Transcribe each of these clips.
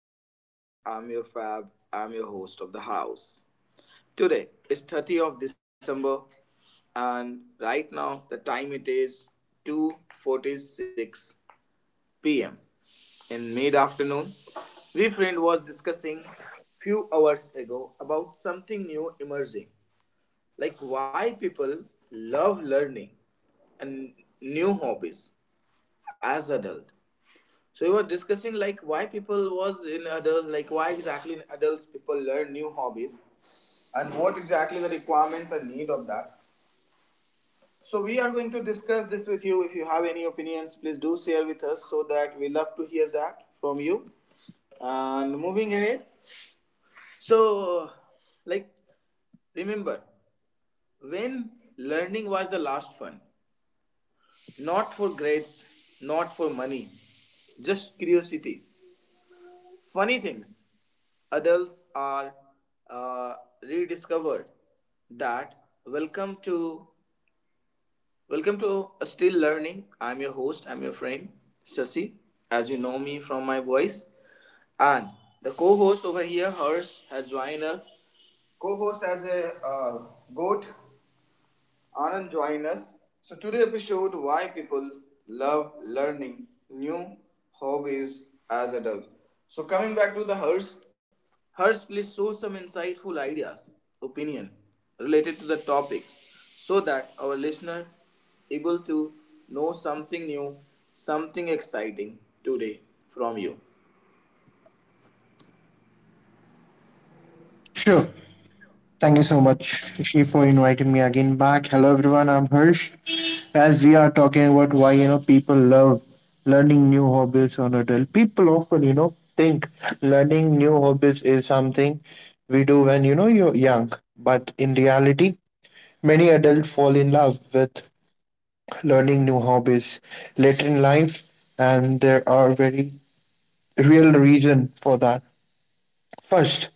I'm your friend, I'm your fab, I'm your host of the house. Today is 30th of December and right now the time it is 2:46 p.m. in mid afternoon. We friend was discussing few hours ago about something new emerging, like why people love learning and new hobbies as adult. So you were discussing like why people was in adult, like why exactly in adults people learn new hobbies, and what exactly the requirements and need of that. So we are going to discuss this with you. If you have any opinions, please do share with us so that we love to hear that from you. And moving ahead, so like remember when learning was the last fun, not for grades, not for money, just curiosity. Funny things. Adults are uh, rediscovered that. Welcome to still learning. I'm your host, I'm your friend Shashi, as you know me from my voice. And the co-host over here, Hers, has joined us, co-host as a goat Anand join us. So today episode why people love learning new hobbies as adults. So coming back to the Hers, Hers please show some insightful ideas, opinion related to the topic so that our listener able to know something new, something exciting today from you. Sure. Thank you so much, Rishi, for inviting me again back. Hello, everyone. I'm Harsh. As we are talking about why people love learning new hobbies on adult, people often think learning new hobbies is something we do when you're young, but in reality, many adults fall in love with learning new hobbies later in life, and there are very real reason for that. First,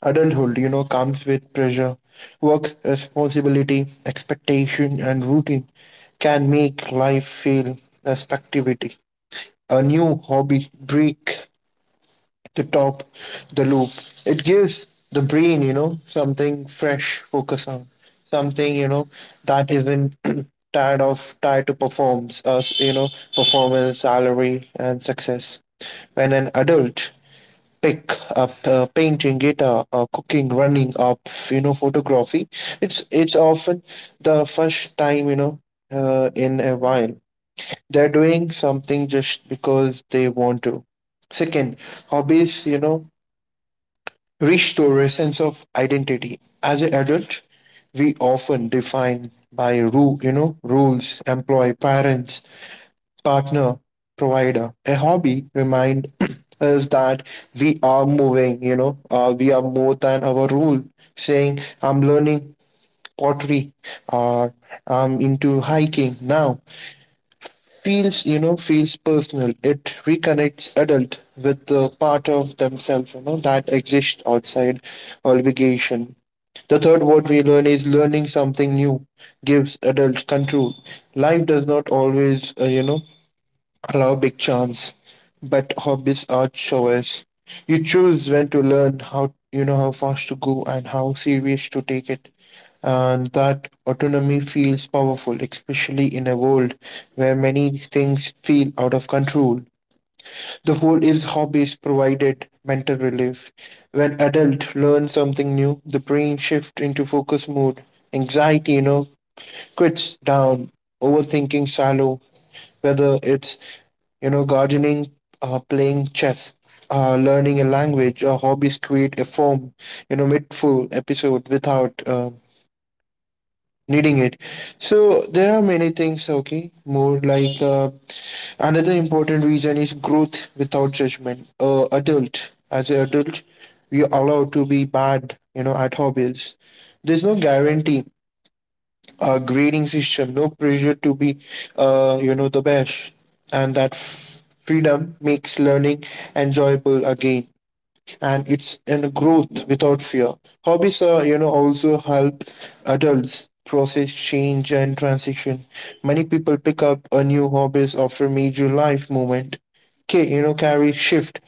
adulthood, you know, comes with pressure. Work responsibility, expectation, and routine can make life feel as activity. A new hobby break the top, the loop. It gives the brain, you know, something fresh, focus on something, you know, that isn't tired of tied to performs us, you know, performance, salary, and success when an adult pick up painting guitar cooking running up photography it's often the first time in a while they're doing something just because they want to second hobbies restore a sense of identity as an adult we often define by rules employ parents partner, provider. A hobby remind us that we are we are more than our role. Saying, I'm learning pottery or I'm into hiking now feels personal. It reconnects adult with the part of themselves, you know, that exists outside obligation. The third what we learn is learning something new gives adult control. Life does not always, allow big chance, but hobbies are choice. You choose when to learn, how you know how fast to go, and how serious to take it. And that autonomy feels powerful, especially in a world where many things feel out of control. The goal is hobbies provided mental relief. When adult learn something new, the brain shift into focus mode. Anxiety, you know, quits down, overthinking shallow, whether it's, you know, gardening, playing chess, learning a language, or hobbies create a form, you know, midful episode without needing it. So there are many things, okay, more like another important reason is growth without judgment. Adult, as an adult, we are allowed to be bad, you know, at hobbies. There's no guarantee a grading system, no pressure to be, you know, the best. And that freedom makes learning enjoyable again. And it's in growth without fear. Hobbies are, you know, also help adults process change and transition. Many people pick up a new hobbies after major life moment carry shift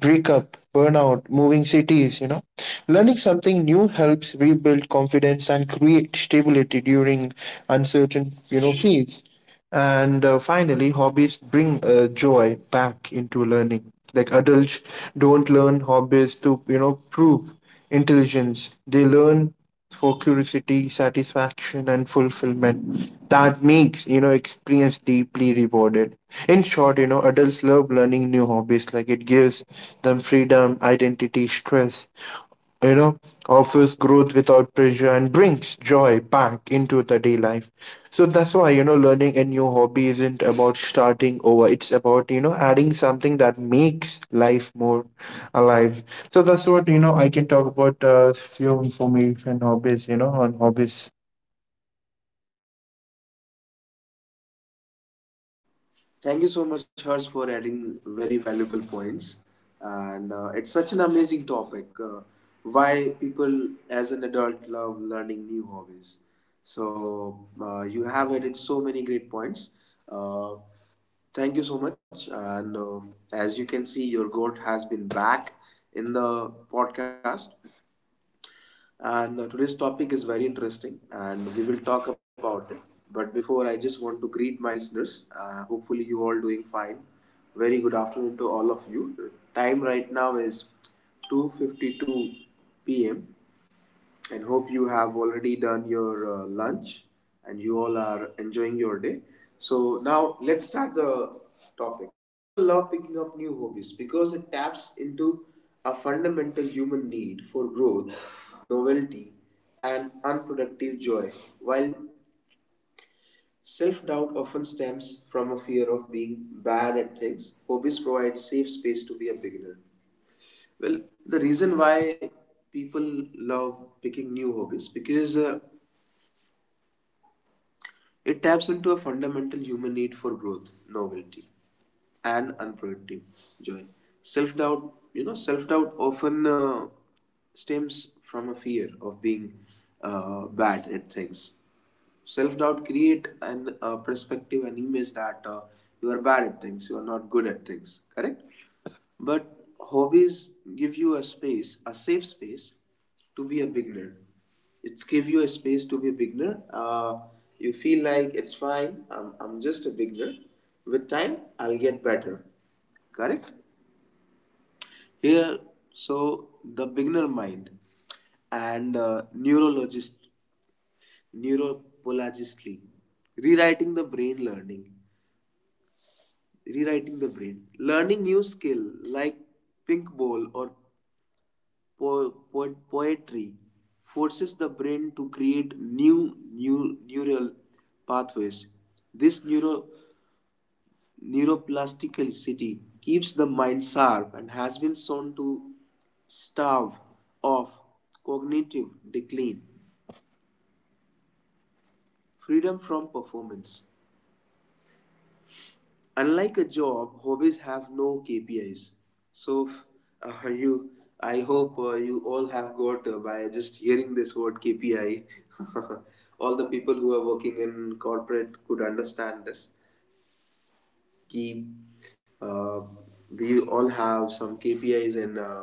breakup burnout moving cities learning something new helps rebuild confidence and create stability during uncertain periods and finally hobbies bring joy back into learning like adults don't learn hobbies to prove intelligence they learn for curiosity, satisfaction, and fulfillment that makes experience deeply rewarded. In short, adults love learning new hobbies like it gives them freedom, identity, stress, you know offers growth without pressure and brings joy back into the day life so that's why learning a new hobby isn't about starting over it's about adding something that makes life more alive so that's what I can talk about a few information hobbies on hobbies. Thank you so much, Hers, for adding very valuable points. And it's such an amazing topic. Why people as an adult love learning new hobbies. So, you have added so many great points. Uh, thank you so much. And as you can see, your goat has been back in the podcast. And today's topic is very interesting, and we will talk about it. But before, I just want to greet my listeners. Hopefully, you all doing fine. Very good afternoon to all of you. The time right now is 2:52 p.m. and hope you have already done your lunch and you all are enjoying your day. So now let's start the topic. People love picking up new hobbies because it taps into a fundamental human need for growth, novelty, and unproductive joy. While self doubt often stems from a fear of being bad at things, hobbies provide safe space to be a beginner. Well, the reason why people love picking new hobbies because it taps into a fundamental human need for growth, novelty, and unproductive joy. Self doubt, you know, self doubt often stems from a fear of being bad at things. Self doubt create an perspective, an image that you are bad at things, you are not good at things, correct? But hobbies give you a space, a safe space to be a beginner. It's give you a space to be a beginner. You feel like it's fine, I'm just a beginner. With time I'll get better, correct? Here, so the beginner mind. And neurologist, neuropologically rewriting the brain learning, new skill, like pink ball or poetry forces the brain to create new neural pathways. This neuroplasticity keeps the mind sharp and has been shown to starve off cognitive decline. Freedom from performance. Unlike a job, hobbies have no KPIs. So, you, I hope you all have got by just hearing this word KPI. All the people who are working in corporate could understand this. Keep, uh, we all have some KPIs in.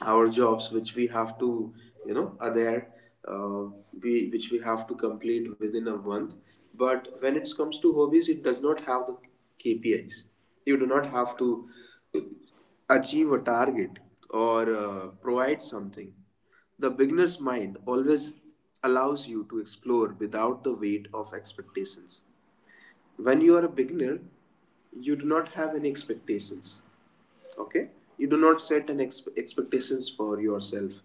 Our jobs which we have to you know are there, uh, we which we have to complete within a month. But when it comes to hobbies, it does not have the KPIs. You do not have to achieve a target or provide something. The beginner's mind always allows you to explore without the weight of expectations. When you are a beginner, you do not have any expectations, okay? You do not set an expectations for yourself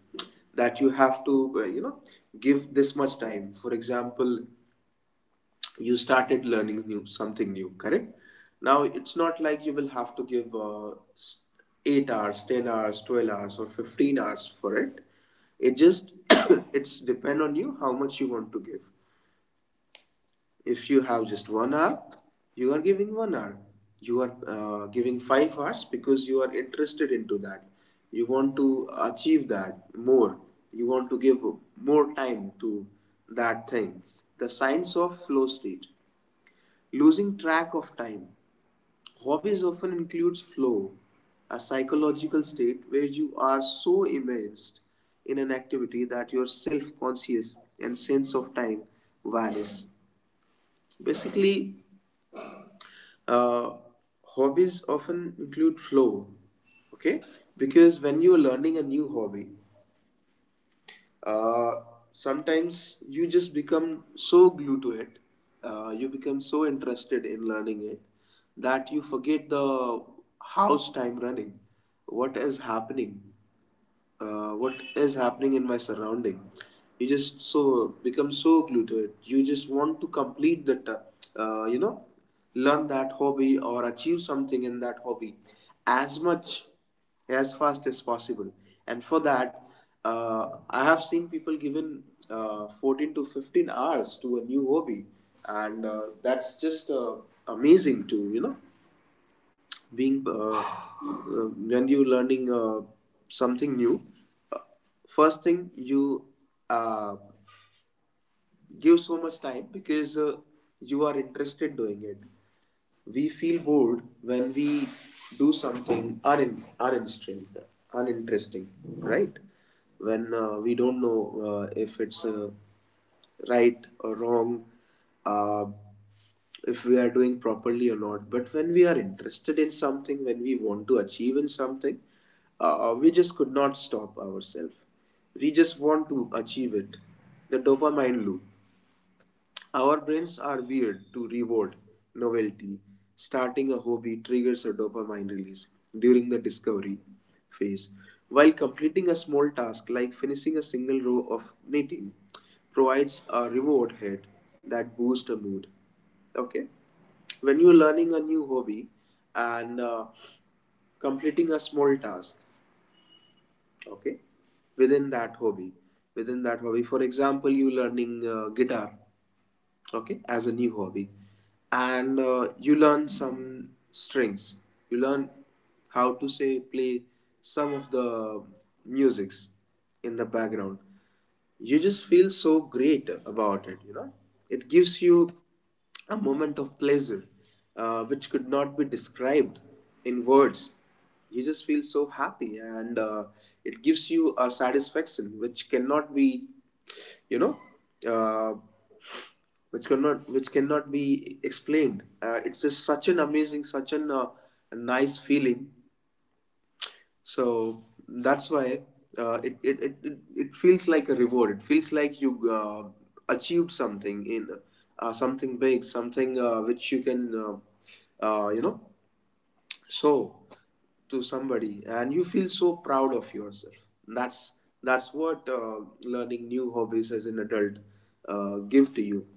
that you have to you know give this much time. For example, you started learning new something new, correct? Now it's not like you will have to give s- 8 hours, 10 hours, 12 hours or 15 hours for it. It just it's depend on you how much you want to give. If you have just 1 hour, you are giving 1 hour. You are giving 5 hours because you are interested into that. You want to achieve that more. You want to give more time to that thing. The science of flow state. Losing track of time. Hobbies often includes flow, a psychological state where you are so immersed in an activity that your self-conscious and sense of time vanish. Basically, uh, hobbies often include flow, okay? Because when you're learning a new hobby, uh, sometimes you just become so glued to it, you become so interested in learning it that you forget the house time running, what is happening, what is happening in my surrounding. You just so become so glued to it, you just want to complete that you know learn that hobby or achieve something in that hobby as much as fast as possible. And for that, I have seen people given 14 to 15 hours to a new hobby. And that's just amazing to you know being when you learning something new. uh, First thing you uh, give so much time because you are interested doing it. We feel bored when we do something uninteresting, uninteresting, right? When we don't know if it's right or wrong, uh, if we are doing properly or not. But when we are interested in something, when we want to achieve in something, we just could not stop ourselves. We just want to achieve it. The dopamine loop. Our brains are weird to reward novelty. Starting a hobby triggers a dopamine release during the discovery phase, while completing a small task like finishing a single row of knitting provides a reward hit that boosts a mood. Okay, when you're learning a new hobby and completing a small task, okay, within that hobby, within that hobby, for example, you learning guitar, okay, as a new hobby. And you learn some strings, you learn how to say play some of the musics in the background. You just feel so great about it, you know, it gives you a moment of pleasure which could not be described in words. You just feel so happy, and it gives you a satisfaction which cannot be, you know, uh, which cannot be explained. It's just such an amazing, such an nice feeling. So that's why it feels like a reward. It feels like you achieved something in something big, something which you can, you know, show to somebody, and you feel so proud of yourself. That's that's what learning new hobbies as an adult give to you.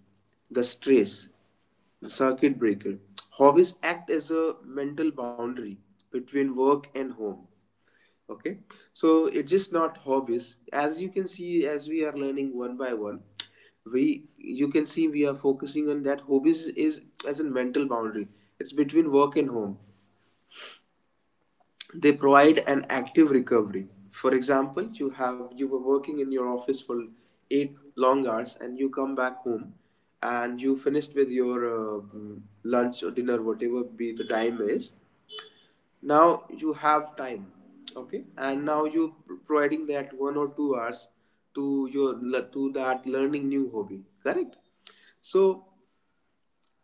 The stress, the circuit breaker. Hobbies act as a mental boundary between work and home, okay? So it's just not hobbies, as you can see, as we are learning one by one, we you can see we are focusing on that hobbies is as a mental boundary, it's between work and home. They provide an active recovery. For example, you have you were working in your office for 8 long hours and you come back home and you finished with your lunch or dinner, whatever be the time is. Now you have time, okay? And now you providing that 1 or 2 hours to your to that learning new hobby, correct? So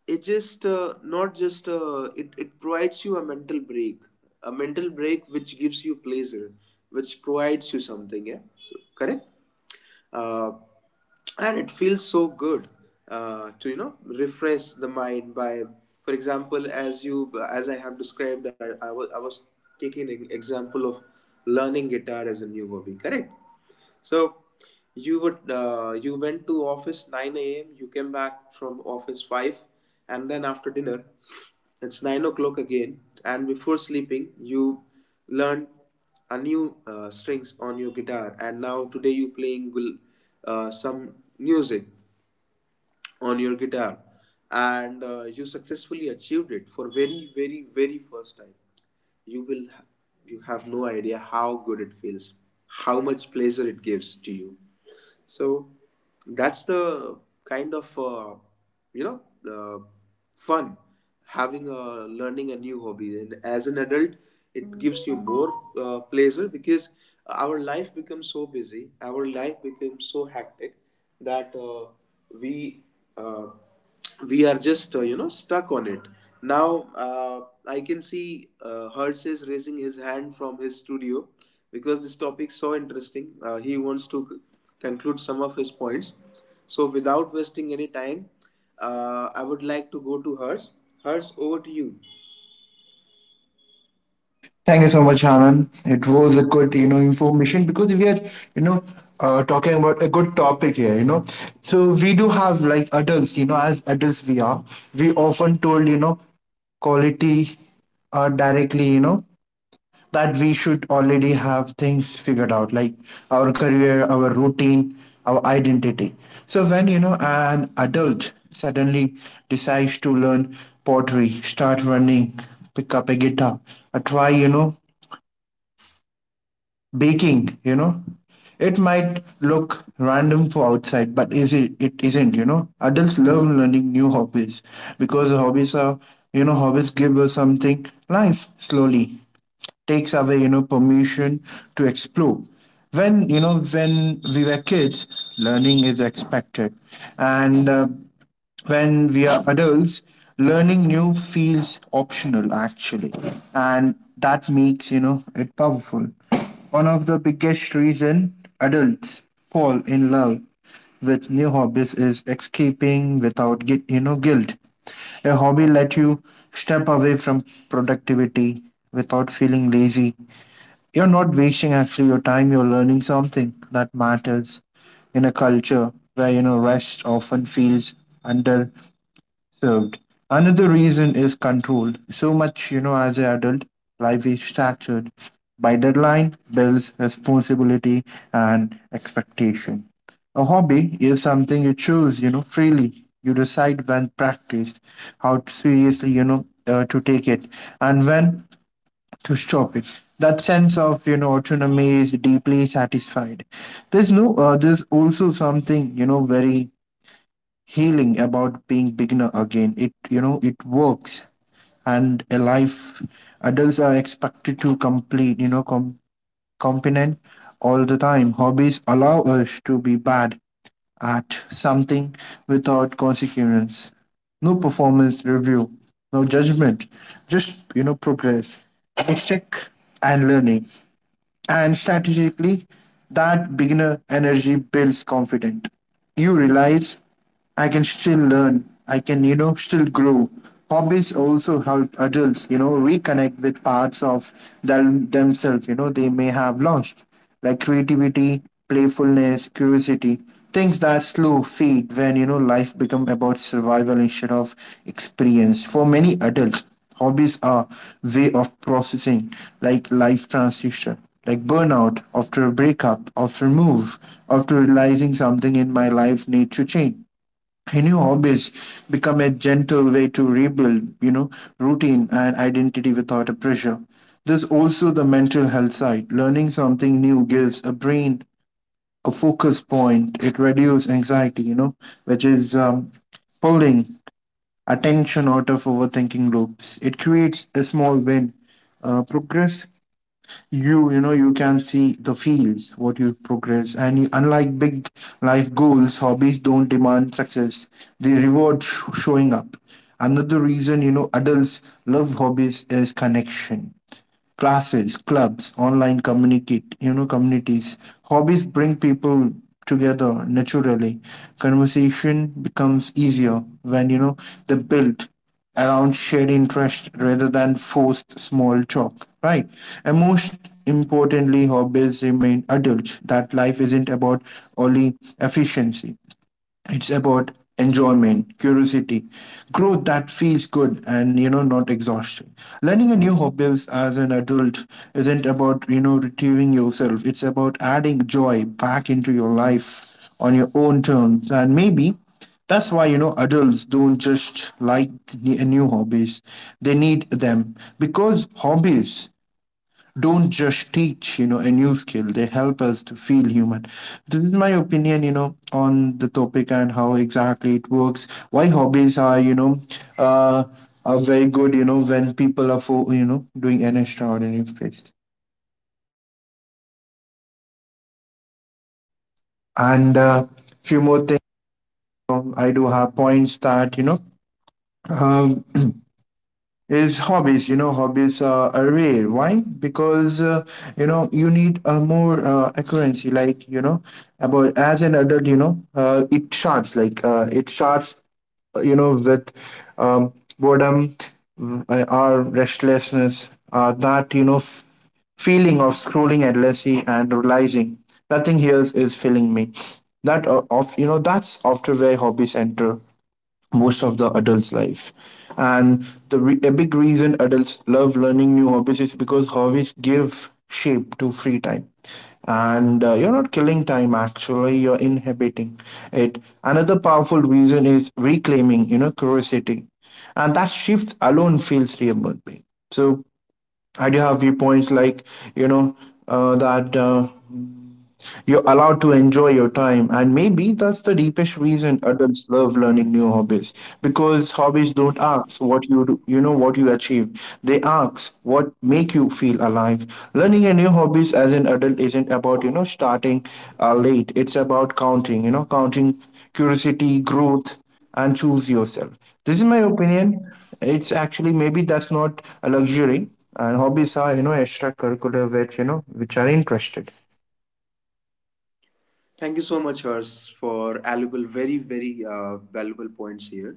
it just not just it provides you a mental break, a mental break which gives you pleasure, which provides you something, yeah, correct. uh, and it feels so good to you know refresh the mind by, for example, as you as I have described, I was taking an example of learning guitar as a new hobby, correct? So you would you went to office 9 a.m. You came back from office 5, and then after dinner, it's 9 o'clock again. And before sleeping, you learned a new strings on your guitar, and now today you playing some music on your guitar, and you successfully achieved it for very first time. you will ha- you have no idea how good it feels, how much pleasure it gives to you. So that's the kind of you know uh, fun having a learning a new hobby, and as an adult it gives you more pleasure because our life becomes so busy, our life becomes so hectic that we uh, we are just stuck on it. Now I can see Hertz is raising his hand from his studio because this topic is so interesting. He wants to conclude some of his points. So without wasting any time, I would like to go to Hertz. Hertz, over to you. Thank you so much, Anand. It was a good, you know, information because we are, you know, talking about a good topic here, you know. So we do have like adults, you know, as adults we are, we often told, you know, quality directly, you know, that we should already have things figured out, like our career, our routine, our identity. So when, you know, an adult suddenly decides to learn pottery, start running, pick up a guitar, or try, you know, baking it might look random for outside but is it it isn't adults love learning new hobbies because hobbies are hobbies give us something life slowly takes away permission to explore when when we were kids learning is expected and when we are adults, learning new feels optional actually, and that makes it powerful. One of the biggest reason adults fall in love with new hobbies is escaping without get, guilt. A hobby let you step away from productivity without feeling lazy. You're not wasting actually your time. You're learning something that matters in a culture where rest often feels undervalued served. Another reason is control. So much, you know, as an adult, life is structured by deadline, bills, responsibility, and expectation. A hobby is something you choose, you know, freely. You decide when practiced, how to seriously, to take it, and when to stop it. That sense of, you know, autonomy is deeply satisfied. There's no, there's also something, you know, very healing about being beginner again it you know it works and a life adults are expected to complete competent all the time hobbies allow us to be bad at something without consequence no performance review no judgment just progress mistake and learning and strategically, that beginner energy builds confidence. You realize I can still learn, I can, you know, still grow. Hobbies also help adults, you know, reconnect with parts of themselves, you know, they may have lost, like creativity, playfulness, curiosity, things that slow fade when, you know, life become about survival instead of experience. For many adults, hobbies are way of processing, like life transition, like burnout, after a breakup, after move, after realizing something in my life need to change. A new hobbies become a gentle way to rebuild, you know, routine and identity without a pressure. There's also the mental health side. Learning something new gives a brain a focus point. It reduces anxiety, you know, which is pulling attention out of overthinking loops. It creates a small win. Progress you can see the fields what you progress and you, unlike big life goals hobbies don't demand success they reward showing up another reason adults love hobbies is connection classes, clubs, online communities. Hobbies bring people together naturally. Conversation becomes easier when, you know, they build around shared interest rather than forced small talk, right? And most importantly, hobbies remain adult, that life isn't about only efficiency. It's about enjoyment, curiosity, growth that feels good and not exhausting. Learning a new hobbies as an adult isn't about retrieving yourself. It's about adding joy back into your life on your own terms. And maybe that's why adults don't just like the new hobbies. They need them because hobbies don't just teach a new skill they help us to feel human. This is my opinion on the topic and how exactly it works why hobbies are uh are very good when people are for doing an extraordinary feast and few more things I do have points that um, is hobbies. You know, are rare. Why? Because you need a more accuracy. Like you know, about as an adult, you know, it starts like it starts. You know, with um, boredom, our restlessness, that you know, feeling of scrolling endlessly and realizing nothing here is filling me. That of you know that's after where hobbies enter most of the adult's life. And a big reason adults love learning new hobbies is because hobbies give shape to free time. And you're not killing time actually, you're inhibiting it. Another powerful reason is reclaiming, you know, curiosity. And that shift alone feels remarkable. So I do have viewpoints like, you know, that you're allowed to enjoy your time, and maybe that's the deepest reason adults love learning Hmm. new hobbies because hobbies don't ask what you do, what you achieve. They ask what make you feel alive. Learning a new hobbies as an adult isn't about you know starting late. It's about counting. Counting curiosity, growth, and choose yourself. This is my opinion. It's actually maybe that's not a luxury, and hobbies are extracurricular which which are interested. Thank you so much, Hers, for valuable, very valuable points here.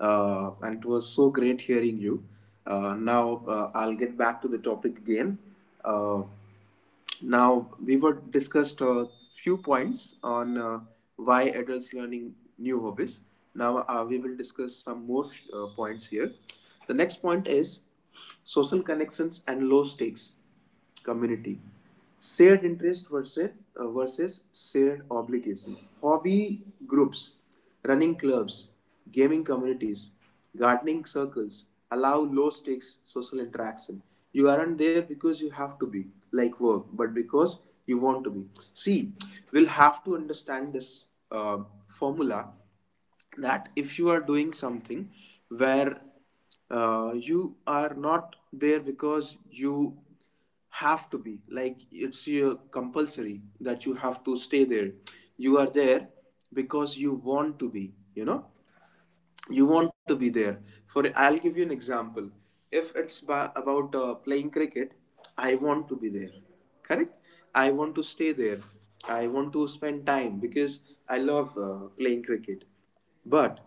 And it was so great hearing you. Now I'll get back to the topic again. Uh, now we were discussed a few points on why adults learning new hobbies. Now we will discuss some more points here. The next point is social connections and low stakes community, shared interest versus versus shared obligation. Hobby groups, running clubs, gaming communities, gardening circles allow low stakes social interaction. You aren't there because you have to be, like work, but because you want to be. See, we'll have to understand this uh, formula that if you are doing something where you are not there because you have to be, like it's your compulsory that you have to stay there. You are there because you want to be, you know, you want to be there. For, I'll give you an example. If it's about playing cricket, I want to be there, correct. I want to stay there, I want to spend time because I love playing cricket. But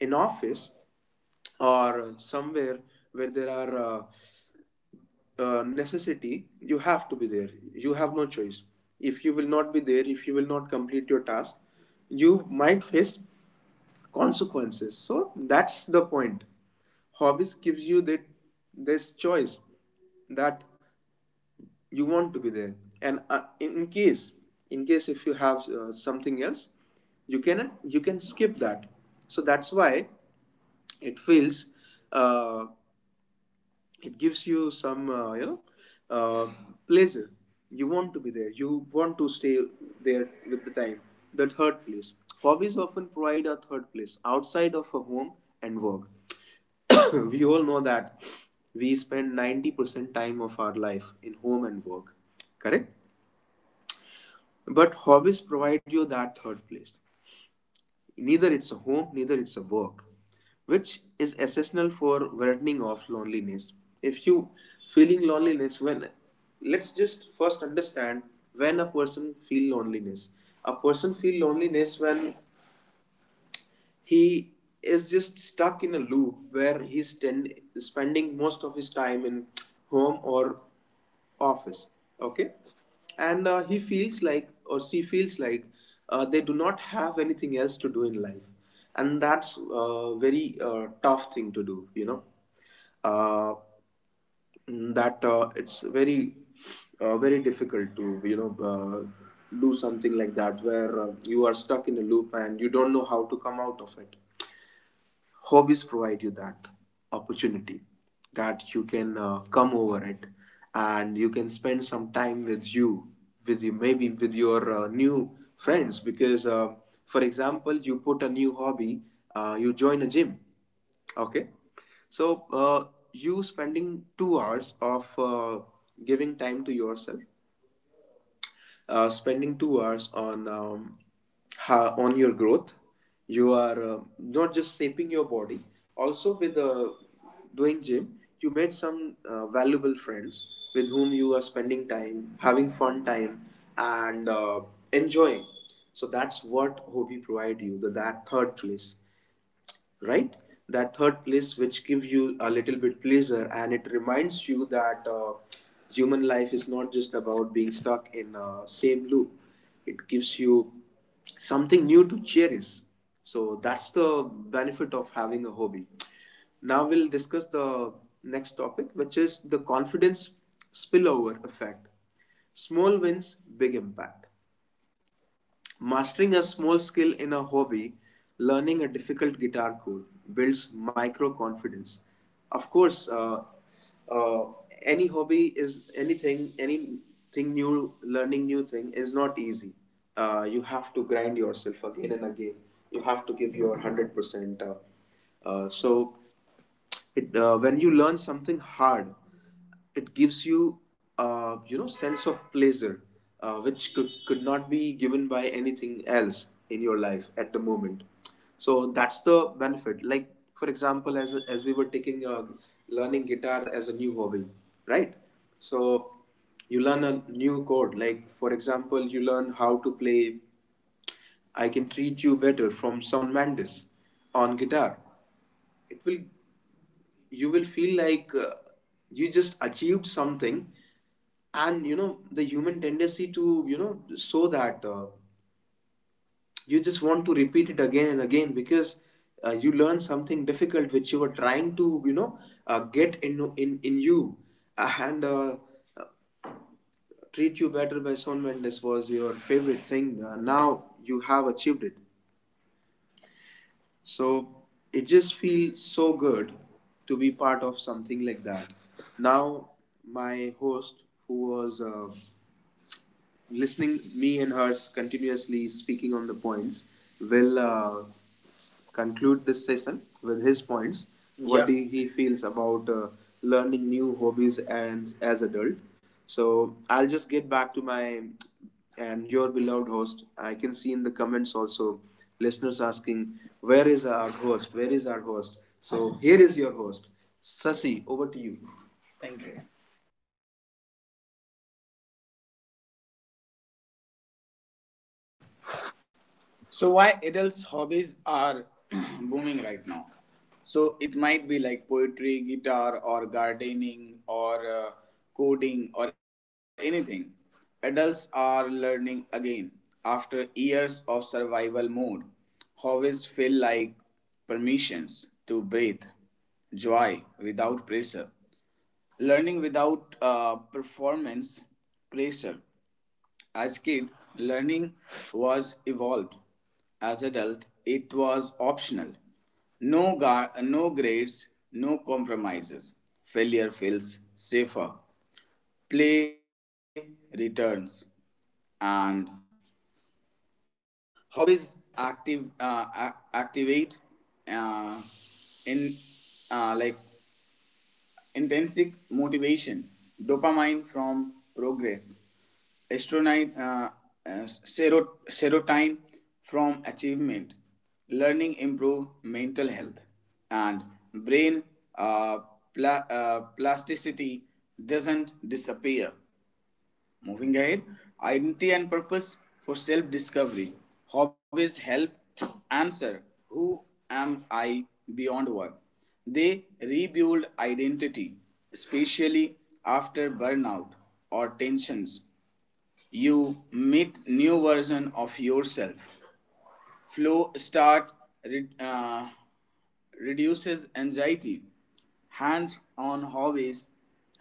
in office or somewhere where there are necessity, you have to be there, you have no choice. If you will not be there, if you will not complete your task, you might face consequences. So that's the point. Hobbies gives you that, this choice, that you want to be there. And in case, in case if you have something else, you can, you can skip that. So that's why it feels uh, it gives you some uh, pleasure. You want to be there, you want to stay there with the time. The third place. Hobbies often provide a third place outside of a home and work. We all know that we spend 90% time of our life in home and work, correct. But hobbies provide you that third place. Neither it's a home, neither it's a work, which is essential for widening of loneliness. If you feeling loneliness, when, let's just first understand, when a person feel loneliness, a person feel loneliness when he is just stuck in a loop where spending most of his time in home or office, okay. And he feels like or she feels like they do not have anything else to do in life. And that's a very tough thing to do, you know, uh, that it's very very difficult to, you know, do something like that where you are stuck in a loop and you don't know how to come out of it. Hobbies provide you that opportunity, that you can come over it and you can spend some time with you, with you, maybe with your new friends. Because for example, you put a new hobby, you join a gym, okay. So you spending 2 hours of giving time to yourself, spending 2 hours on on your growth. You are not just shaping your body, also with doing gym you made some valuable friends with whom you are spending time, having fun time, and enjoying. So that's what hobby provide you, the, that third place, right. That third place which gives you a little bit pleasure, and it reminds you that human life is not just about being stuck in a same loop. It gives you something new to cherish. So that's the benefit of having a hobby. Now we'll discuss the next topic, which is the confidence spillover effect, small wins big impact. Mastering a small skill in a hobby, learning a difficult guitar chord, builds micro confidence. Of course, uh, any hobby is anything new, learning new thing is not easy. You have to grind yourself again and again. You have to give your 100%. So it when you learn something hard, it gives you you know, sense of pleasure, which could not be given by anything else in your life at the moment. So that's the benefit. Like for example, as we were taking learning guitar as a new hobby, right. So you learn a new chord, like for example you learn how to play I Can Treat You Better from Shawn Mendes on guitar. It will, you will feel like you just achieved something. And you know the human tendency, to you know, so that you just want to repeat it again and again, because you learn something difficult which you were trying to, you know, get in, in you. And uh, Treat You Better by Shawn Mendes was your favorite thing. Now you have achieved it. So it just feels so good to be part of something like that. Now, my host, who was listening me and Hers continuously speaking on the points, will conclude this session with his points, what, yeah, he feels about learning new hobbies and as adult. So I'll just get back to my and your beloved host. I can see in the comments also listeners asking where is our host, where is our host. So here is your host, Sasi, over to you. Thank you. So why adults hobbies are booming right now? So it might be like poetry, guitar, or gardening, or coding, or anything. Adults are learning again after years of survival mode. Hobbies feel like permissions to breathe, joy without pressure, learning without performance pressure. As kid, learning was evolved. As adult, it was optional. No grades, no compromises. Failure feels safer. Play returns, and hobbies activate uh, in like intrinsic motivation, dopamine from progress, estronine, uh, serotonin from achievement, learning improve mental health, and brain uh, plasticity doesn't disappear. Moving ahead, identity and purpose for self discovery. Hobbies help answer, who am I beyond work. They rebuild identity, especially after burnout or tensions. You meet new version of yourself. Flow Start uh, reduces anxiety. Hands on hobbies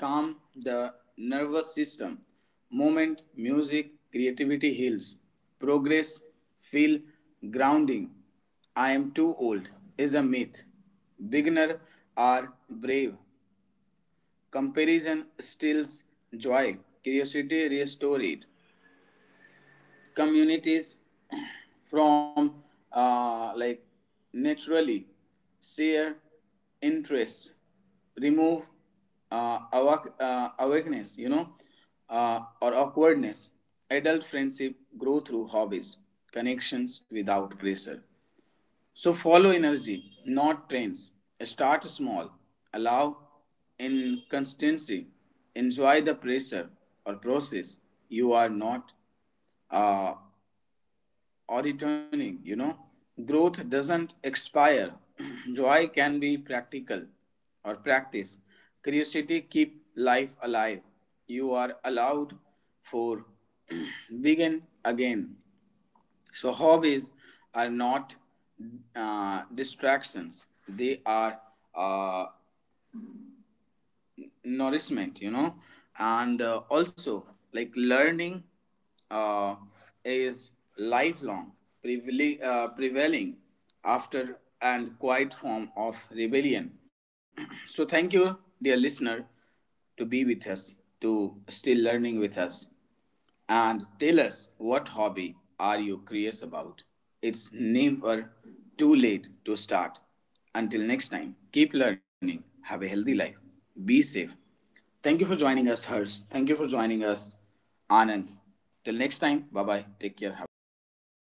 calm the nervous system. Movement, music, creativity heals. Progress, feel grounding. I am too old is a myth. Beginner are brave. Comparison steals joy. Curiosity restores it. Communities from like naturally share interest, remove awakeness, you know, or awkwardness. Adult friendship grow through hobbies, connections without pressure. So follow energy, not trends. Start small, allow inconsistency, enjoy the pressure or process. You are not uh, or returning, you know. Growth doesn't expire. Joy can be practical or practice. Curiosity keep life alive. You are allowed for begin again. So hobbies are not distractions, they are uh, nourishment, you know. And also, like learning uh, is lifelong prevailing, prevailing after, and quiet form of rebellion. So thank you, dear listener, to be with us, to still learning with us. And tell us, what hobby are you curious about? It's never too late to start. Until next time, keep learning, have a healthy life, be safe. Thank you for joining us, Hers. Thank you for joining us, Anand. Till next time, bye bye. Take care. Have a nice day.